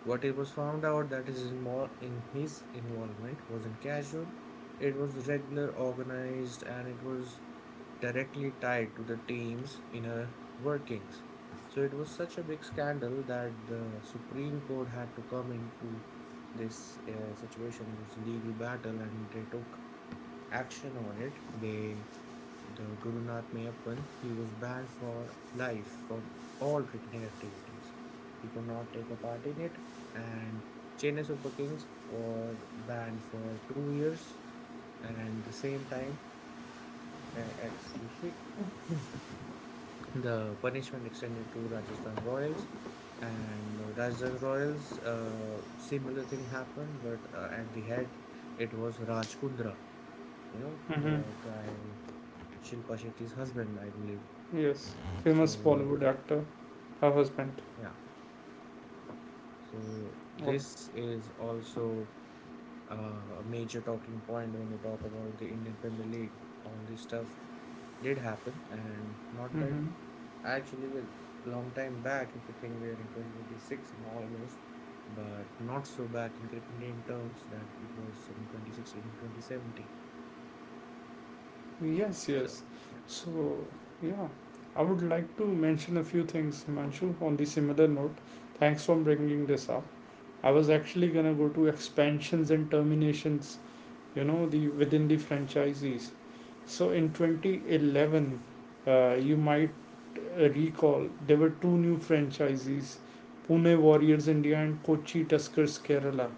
B: what it was found out that in his involvement wasn't casual, it was regular, organized, and it was directly tied to the team's inner workings. So it was such a big scandal that the supreme court had to come into this situation. It was a legal battle and they took action on it. They the Guru Nanak Mayappan, he was banned for life from all cricketing activities. He could not take a part in it, and Chennai Super Kings were banned for 2 years, and the same time, excuse me, the punishment extended to Rajasthan Royals. And Rajasthan Royals, similar thing happened, but at the head, it was Raj Kundra, you know, the
A: Mm-hmm.
B: guy, Shilpa Shetty's husband, I believe.
A: Yes, famous
B: So,
A: Bollywood actor, her husband.
B: yeah. So
A: Oh.
B: this is also a major talking point when you talk about the Indian Premier League. All this stuff did happen, and not that
A: Mm-hmm.
B: actually a long time back, if you think we are in 2026 and almost, but not so back in cricket Indian terms that it was in 2016 and 2017.
A: Yes,
B: So,
A: yes.
B: yeah.
A: So, yeah, I would like to mention a few things, Himanshu, on the similar note. Thanks for bringing this up. I was actually gonna go to expansions and terminations, you know, the within the franchisees. So in 2011, you might recall there were two new franchisees, Pune Warriors India and Kochi Tuskers Kerala.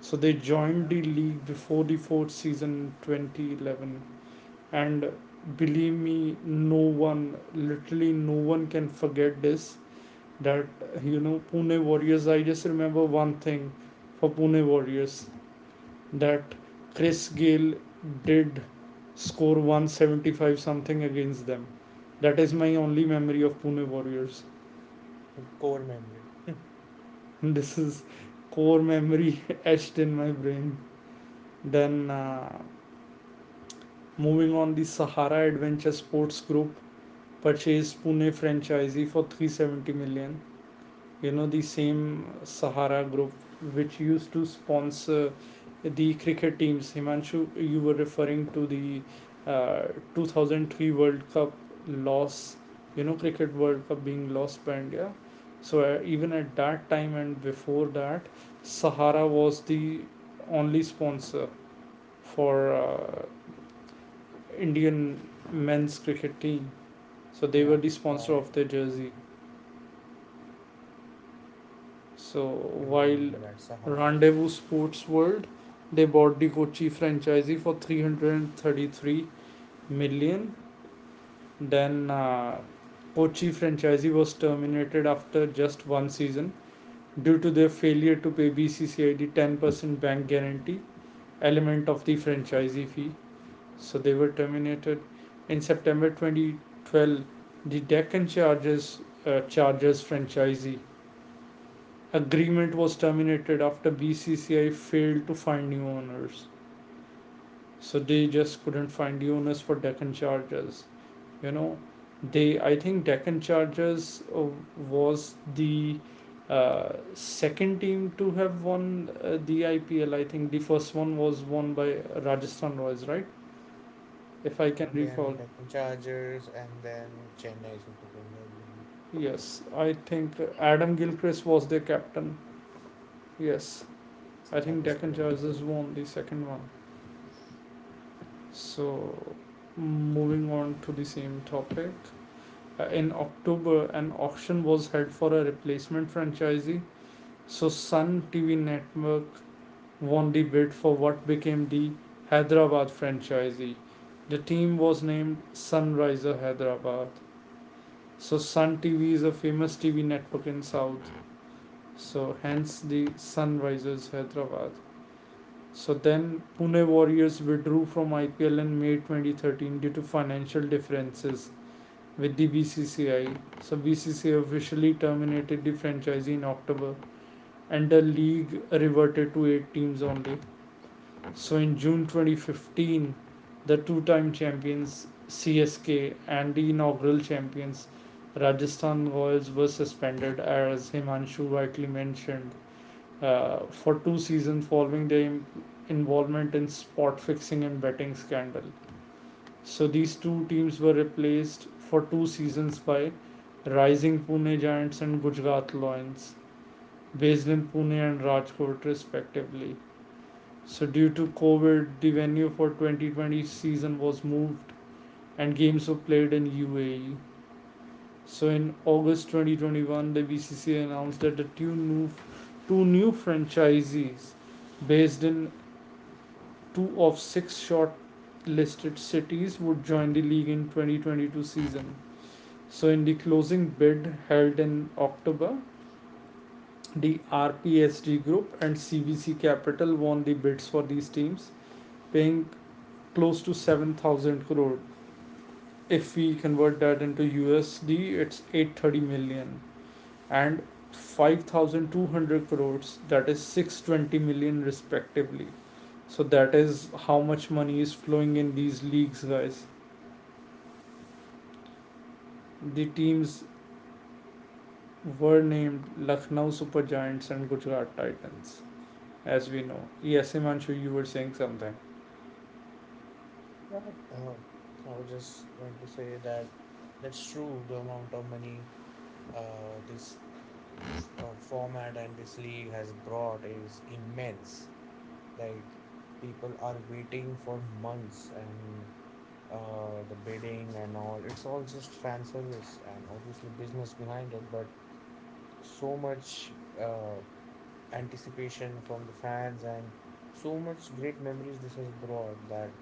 A: So they joined
B: Yeah,
A: the league before the fourth season 2011, and believe me, no one, literally no one, can forget this that, you know, Pune Warriors, I just remember one thing for Pune Warriors, that Chris Gayle did score 175 something against them. That is my only memory of Pune Warriors.
B: core memory.
A: This is core memory etched in my brain. Then uh, Moving on, the Sahara Adventure Sports Group purchased Pune franchisee for 370 million. You know, the same Sahara Group which used to sponsor the cricket teams. Himanshu, you were referring to the uh, 2003 World Cup loss, you know, Cricket World Cup being lost by India. So, even at that time and before that, Sahara was the only sponsor for Indian men's cricket team. So they were
B: Yeah,
A: the sponsor
B: yeah,
A: of their jersey. So
B: I do
A: while
B: remember that Sahara.
A: Rendezvous Sports World, they bought the Kochi franchisee for 333 million. Then, Kochi franchisee was terminated after just one season due to their failure to pay BCCI the 10% bank guarantee element of the franchisee fee. So they were terminated. In September 2012, the Deccan Chargers franchisee agreement was terminated after BCCI failed to find new owners. So they just couldn't find new owners for Deccan Chargers. You know, they I think Deccan Chargers was the second team to have won the IPL. I think the first one was won by Rajasthan Royals, right? If I can
B: No, then
A: recall.
B: Deccan Chargers and then Chennai Super Kings, I believe.
A: Yes, I think Adam Gilchrist was their captain. Yes,
B: Yes,
A: I
B: that
A: think
B: is
A: Deccan
B: correct. Yeah.
A: Chargers won the second one. So, moving on to the same topic. In October, an auction was held for a replacement franchisee. So, Sun TV Network won the bid for what became the Hyderabad franchisee. The team was named Sunriser Hyderabad. So, Sun TV is a famous TV network in South. So hence the Sunrisers Hyderabad. So then Pune Warriors withdrew from IPL in May 2013 due to financial differences with the BCCI. So BCCI officially terminated the franchise in October, and the league reverted to 8 teams only. So in June 2015, the two-time champions CSK and the inaugural champions Rajasthan Royals were suspended, as Himanshu rightly mentioned, for two seasons following their involvement in spot fixing and betting scandal. So these two teams were replaced for two seasons by Rising Pune Giants and Gujarat Lions, based in Pune and Rajkot respectively. So due to COVID, the venue for 2020 season was moved and games were played in UAE. So in August 2021, the BCCI announced that the two new franchisees based in two of six shortlisted cities would join the league in 2022 season. So in the closing bid held in October, the RPSD group and CVC Capital won the bids for these teams, paying close to 7,000 crore. If we convert that into USD, it's eight hundred thirty million, and five thousand two hundred crores, that is 620 million respectively. So that is how much money is flowing in these leagues, guys. The teams were named Lucknow Super Giants and Gujarat Titans, as we know. Yes, Himanshu, you were saying something.
B: But I was just going to say that that's true. The amount of money this format and this league has brought is immense. Like people are waiting for months and the bidding and all. It's all just fan service and obviously business behind it, but so much uh, anticipation from the fans and so much great memories this has brought that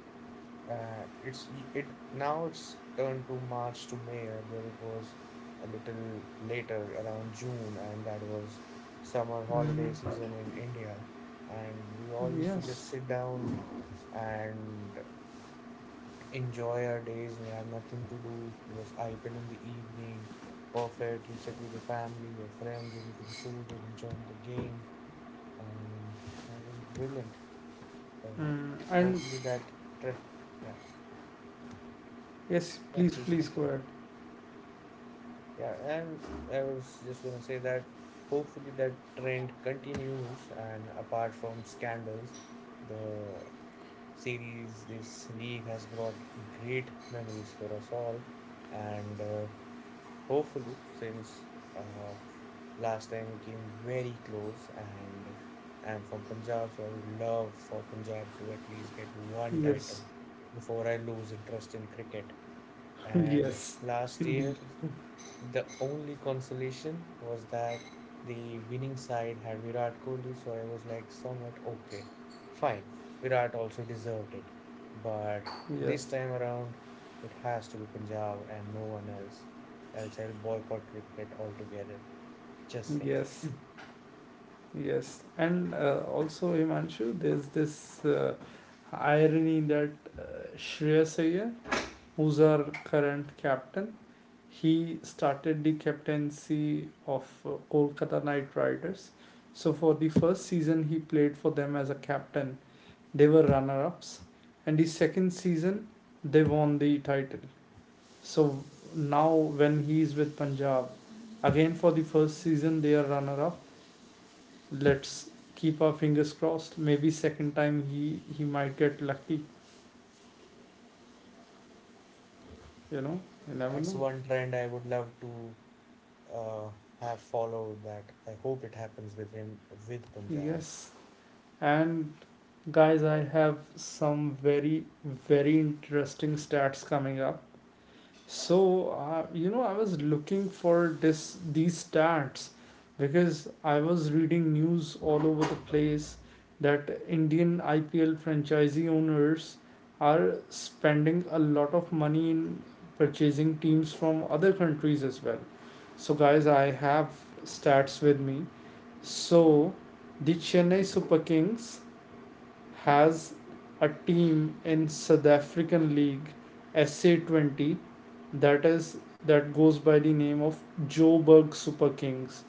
B: it's it now it's turned to March to May. Earlier it was a little later around June, and that was summer holiday
A: Mm,
B: season in India. And we all used to
A: yes.
B: just sit down and enjoy our days. We had nothing to do. Just IPL in the evening. Perfect. You sit with the family, your friends, you're eating food, you're enjoying the game. And that was brilliant. So
A: And
B: hopefully that trip, yeah,
A: yes,
B: yeah,
A: please,
B: please
A: please go
B: continue.
A: ahead.
B: Yeah, and I was just gonna say that hopefully that trend continues. And apart from scandals, the series, this league has brought great memories for us all. And hopefully, since uh, last time we came very close, and I'm from Punjab, so I would love for Punjab to at least get one title
A: Yes.
B: before I lose interest in cricket. And
A: Yes.
B: last
A: Indeed.
B: year, the only consolation was that the winning side had Virat Kohli, so I was like, somewhat okay, fine. Virat also deserved it. But this
A: Yes.
B: time around, it has to be Punjab and no one else. Else I'll boycott cricket altogether. Just saying.
A: Yes. Yes. And also, Himanshu, there's this irony that, uh, Shreyas Iyer, who's our current captain, he started the captaincy of Kolkata Knight Riders. So for the first season, he played for them as a captain. They were runner-ups, and the second season, they won the title. So now when he is with Punjab, again for the first season they are runner-up. Let's keep our fingers crossed. Maybe second time he might get lucky. You know, you never
B: That's
A: know.
B: one trend I would love to uh, have followed, that I hope it happens with him with Punjab.
A: Yes, and guys, I have some very, very interesting stats coming up. So, you know, I was looking for this these stats because I was reading news all over the place that Indian IPL franchisee owners are spending a lot of money in purchasing teams from other countries as well. So, guys, I have stats with me. So, the Chennai Super Kings has a team in South African League SA20, that goes by the name of Joburg Super Kings,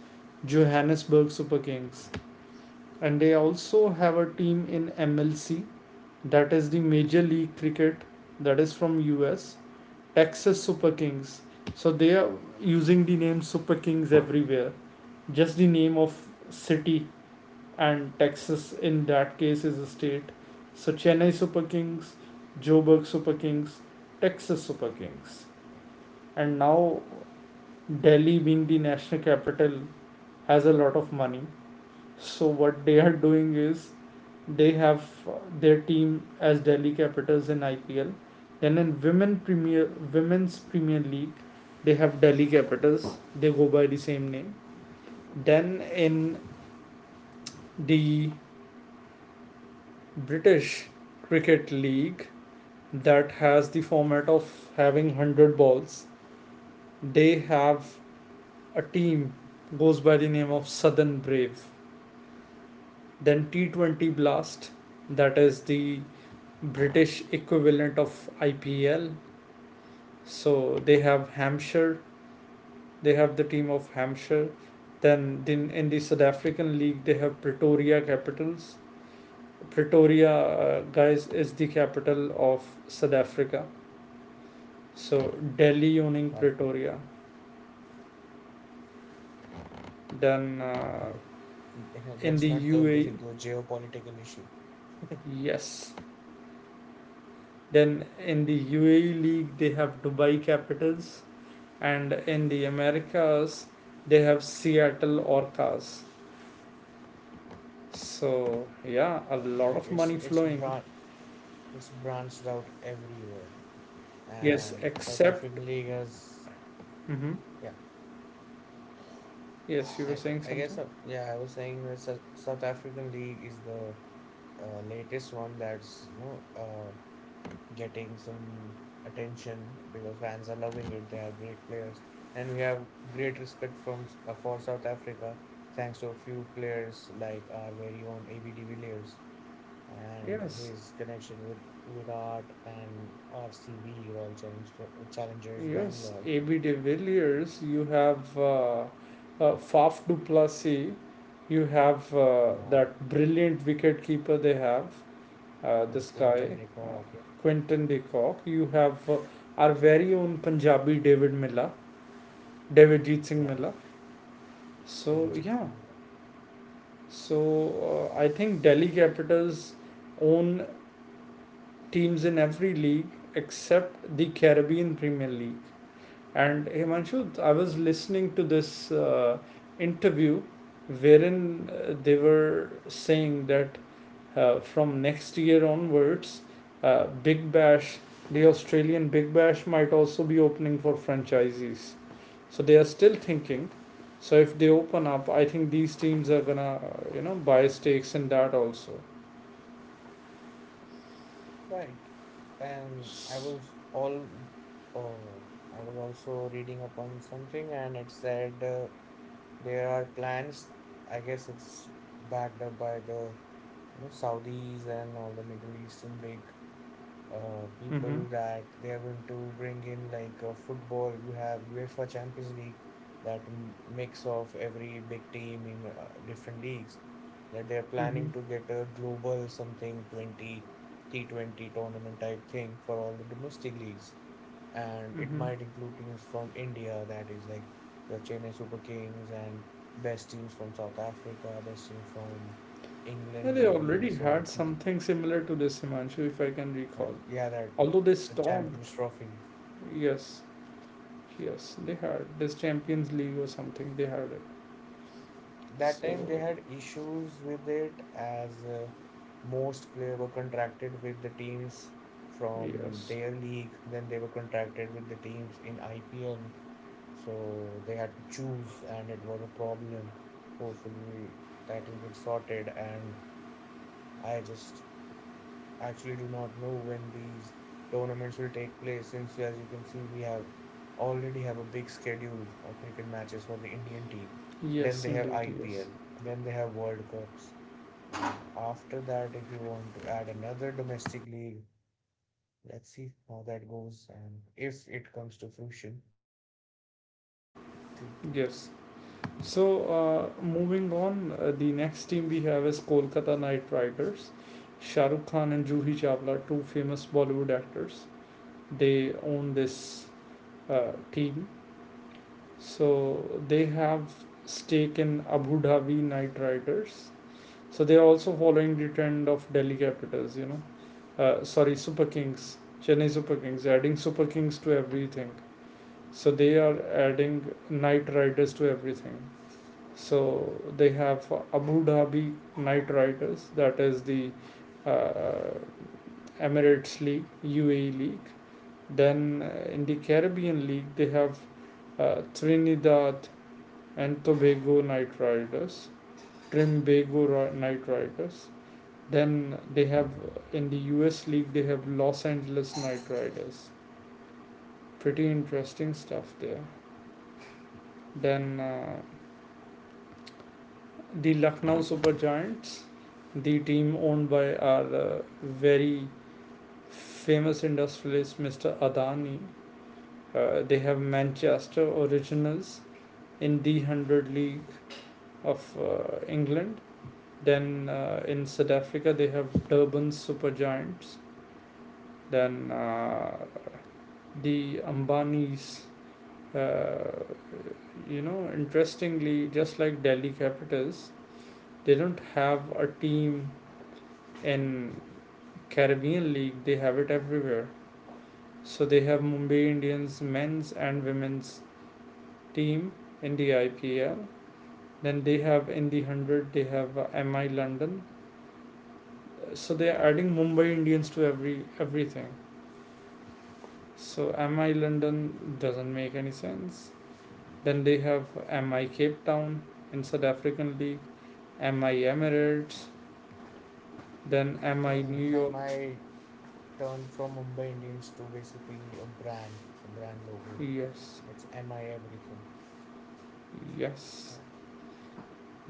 A: Johannesburg Super Kings, and they also have a team in MLC, that is the Major League Cricket, that is from US, Texas Super Kings. So they are using the name Super Kings everywhere. Just the name of city, and Texas in that case is a state. So Chennai Super Kings, Joburg Super Kings, Texas Super Kings, and now Delhi, being the national capital, has a lot of money. So what they are doing is they have their team as Delhi Capitals in IPL. Then in women's Premier League, they have Delhi Capitals. They go by the same name. Then in the British Cricket League, that has the format of having 100 balls. They have a team goes by the name of Southern Brave. Then T20 Blast, that is the British equivalent of IPL. So they have Hampshire, they have the team of Hampshire. Then in the South African League, they have Pretoria Capitals. Pretoria, guys, is the capital of South Africa. So Delhi owning
B: That
A: Pretoria. Then,
B: eh,
A: in
B: let's
A: the
B: not turn this
A: UAE,
B: into a geopolitical issue.
A: yes. Then in the UAE league, they have Dubai Capitals, and in the Americas, they have Seattle Orcas. So yeah, a lot
B: Right.
A: of money flowing.
B: It's branched out everywhere.
A: Yes,
B: And South
A: except.
B: African League has
A: Hmm.
B: yeah,
A: Yes, you were
B: I
A: saying
B: I guess
A: something.
B: yeah, I was saying that South African League is the latest one that's, you know, getting some attention because fans are loving it. They have great players and we have great respect from for South Africa thanks to a few players like our very own ABD Villiers and
A: Yes,
B: his connection with Virat and RCB Challengers
A: yes.
B: Bangalore.
A: AB de Villiers, you have Faf du Plessis, you have
B: Yeah.
A: that brilliant wicket keeper they have,
B: And
A: this
B: Quinton
A: guy,
B: de
A: uh,
B: Kock,
A: Quinton de Kock. You have our very own Punjabi David Miller, David Jeet Singh
B: yeah,
A: Miller. So
B: David G.
A: yeah,
B: Smith,
A: so I think Delhi Capitals own teams in every league except the Caribbean Premier League. And Himanshu, I was listening to this interview wherein they were saying that from next year onwards, Big Bash, the Australian Big Bash might also be opening for franchisees. So they are still thinking. So if they open up, I think these teams are gonna, you know, buy stakes in that also.
B: right. And I was all, oh, I was also reading upon something, and it said there are plans. I guess it's backed up by the, you know, Saudis and all the Middle Eastern big
A: Mm-hmm.
B: people, that they are going to bring in, like, football. We have UEFA Champions League, that mix of every big team in different leagues. That they are
A: Mm-hmm.
B: planning to get a global something 20 T20 tournament type thing for all the domestic leagues. And it
A: Mm-hmm.
B: might include teams from India, that is like your Chennai Super Kings, and best teams from South Africa, best teams from
A: Yeah,
B: England,
A: they
B: maybe.
A: already
B: So
A: had something similar to this, Himanshu, if I can recall.
B: and yeah, that
A: Although they
B: the
A: stopped.
B: Champions Trophy.
A: Yes, yes, they had. This Champions League or something, they had it.
B: That
A: So,
B: time they had issues with it as most players were contracted with the teams from
A: yes.
B: their league, then they were contracted with the teams in IPL. So they had to choose, and it was a problem. Hopefully, that will get sorted. And I just actually do not know when these tournaments will take place, since as you can see we have already have a big schedule of cricket matches for the Indian team. Then
A: Yes,
B: they have
A: indeed. Yes.
B: IPL, then they have World Cups. And after that, if you want to add another domestic league, let's see how that goes and if it comes to fruition. So,
A: Yes. So, moving on, the next team we have is Kolkata Knight Riders. Shah Rukh Khan and Juhi Chawla, two famous Bollywood actors, they own this team. So, they have stake in Abu Dhabi Knight Riders. So, they are also following the trend of Delhi Capitals, you know. Sorry, Super Kings, Chennai Super Kings, adding Super Kings to everything. So, they are adding Knight Riders to everything. So they have Abu Dhabi Knight Riders, that is the uh, Emirates League, UAE League. Then, in the Caribbean League, they have Trinidad and Tobago Knight Riders, Knight Riders. Then they have in the US League, they have Los Angeles Knight Riders. Pretty interesting stuff there. Then, the Lucknow Super Giants, the team owned by our very famous industrialist Mr. Adani, they have Manchester Originals in the 100 League of England. Then, in South Africa, they have Durban Super Giants. Then, the Ambanis, uh, you know, interestingly, just like Delhi Capitals, they don't have a team in Caribbean League, they have it everywhere. So they have Mumbai Indians men's and women's team in the IPL. Then they have in the 100, they have MI London. So they are adding Mumbai Indians to everything. So MI London doesn't make any sense. Then they have MI Cape Town in South African League, MI Emirates, then MI New
B: I
A: York.
B: might turn from Mumbai Indians to basically a brand logo.
A: Yes.
B: It's MI everything.
A: Yes.
B: Right.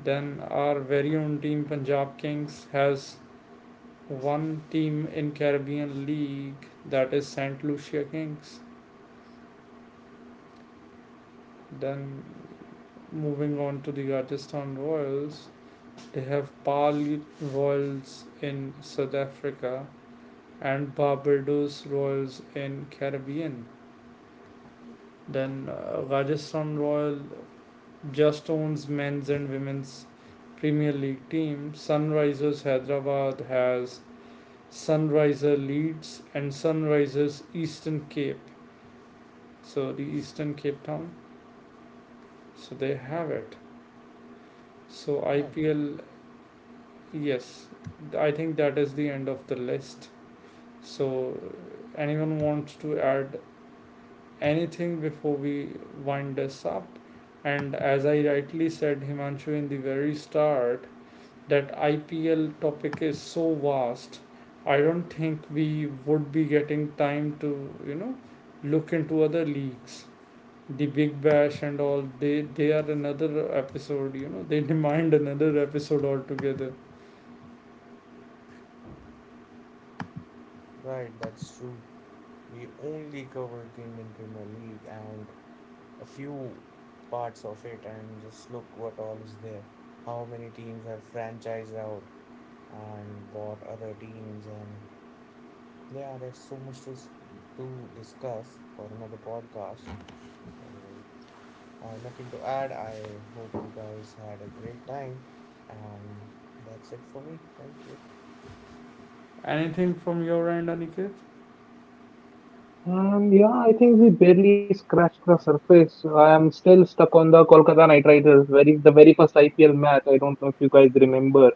A: Then our very own team Punjab Kings has one team in Caribbean League, that is St. Lucia Kings. Then moving on to the Rajasthan Royals, they have Pali Royals in South Africa and Barbados Royals in Caribbean. Then, Rajasthan Royal just owns men's and women's Premier League team. Sunrisers Hyderabad has Sunriser Leeds and Sunrisers Eastern Cape. So the Eastern Cape Town. So they have it. So
B: Right.
A: IPL, yes, I think that is the end of the list. So, anyone wants to add anything before we wind this up? And as I rightly said, Himanshu, in the very start, that IPL topic is so vast. I don't think we would be getting time to, you know, look into other leagues. The big bash and all, they are another episode, you know. They demand another episode altogether.
B: Right, that's true. We only covered the Indian Premier League and a few parts of it, and just look what all is there. How many teams have franchised out and bought other teams, and yeah, there's so much to discuss for another podcast. So I have nothing to add. I hope you guys had a great time, and that's it for me. Thank you.
A: Anything from your end, Aniket?
C: Yeah, I think we barely scratched the surface. I am still stuck on the Kolkata Knight Riders, very the very first IPL match. I don't know if you guys remember.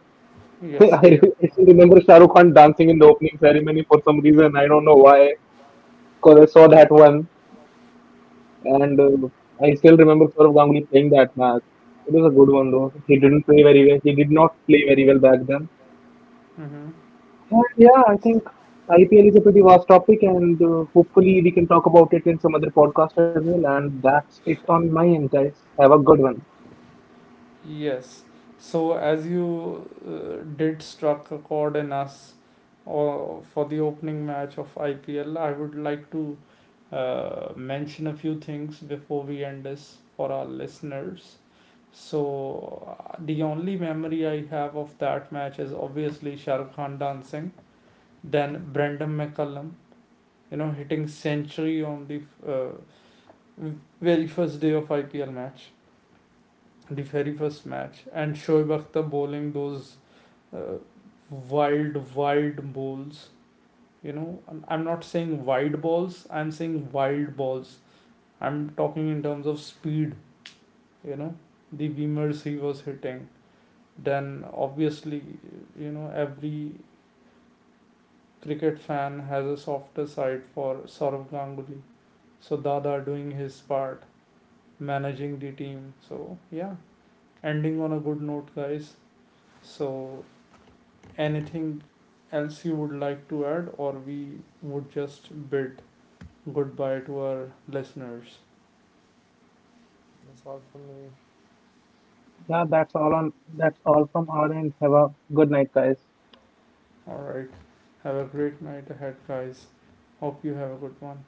A: Yes,
C: I,
A: yeah.
C: I still remember Shah Rukh Khan dancing in the opening ceremony for some reason. I don't know why, because I saw that one, and I still remember Saurav Ganguly playing that match. It was a good one though. He didn't play very well. He did not play very well back then.
A: Mm-hmm.
C: And yeah, I think IPL is a pretty vast topic, and hopefully we can talk about it in some other podcast as well. And that's it on my end, guys. Have a good one.
A: Yes. So, as you did struck a chord in us or for the opening match of IPL, I would like to mention a few things before we end this for our listeners. So, the only memory I have of that match is obviously Shahrukh Khan dancing. Then Brandon McCullum, you know, hitting century on the uh, very first day of IPL match, the very first match, and Shoaib Akhtar bowling those uh, wild, wild balls. You know, I'm not saying wide balls. I'm saying wild balls. I'm talking in terms of speed. You know, the beamers he was hitting. Then obviously, you know, every cricket fan has a softer side for Sourav Ganguly. So Dada doing his part, managing the team. So yeah, ending on a good note, guys. So, anything else you would like to add, or we would just bid goodbye to our listeners.
B: That's all for me.
C: Yeah, that's all on. That's all from our end. Have a good night, guys.
A: All right, have a great night ahead, guys. Hope you have a good one.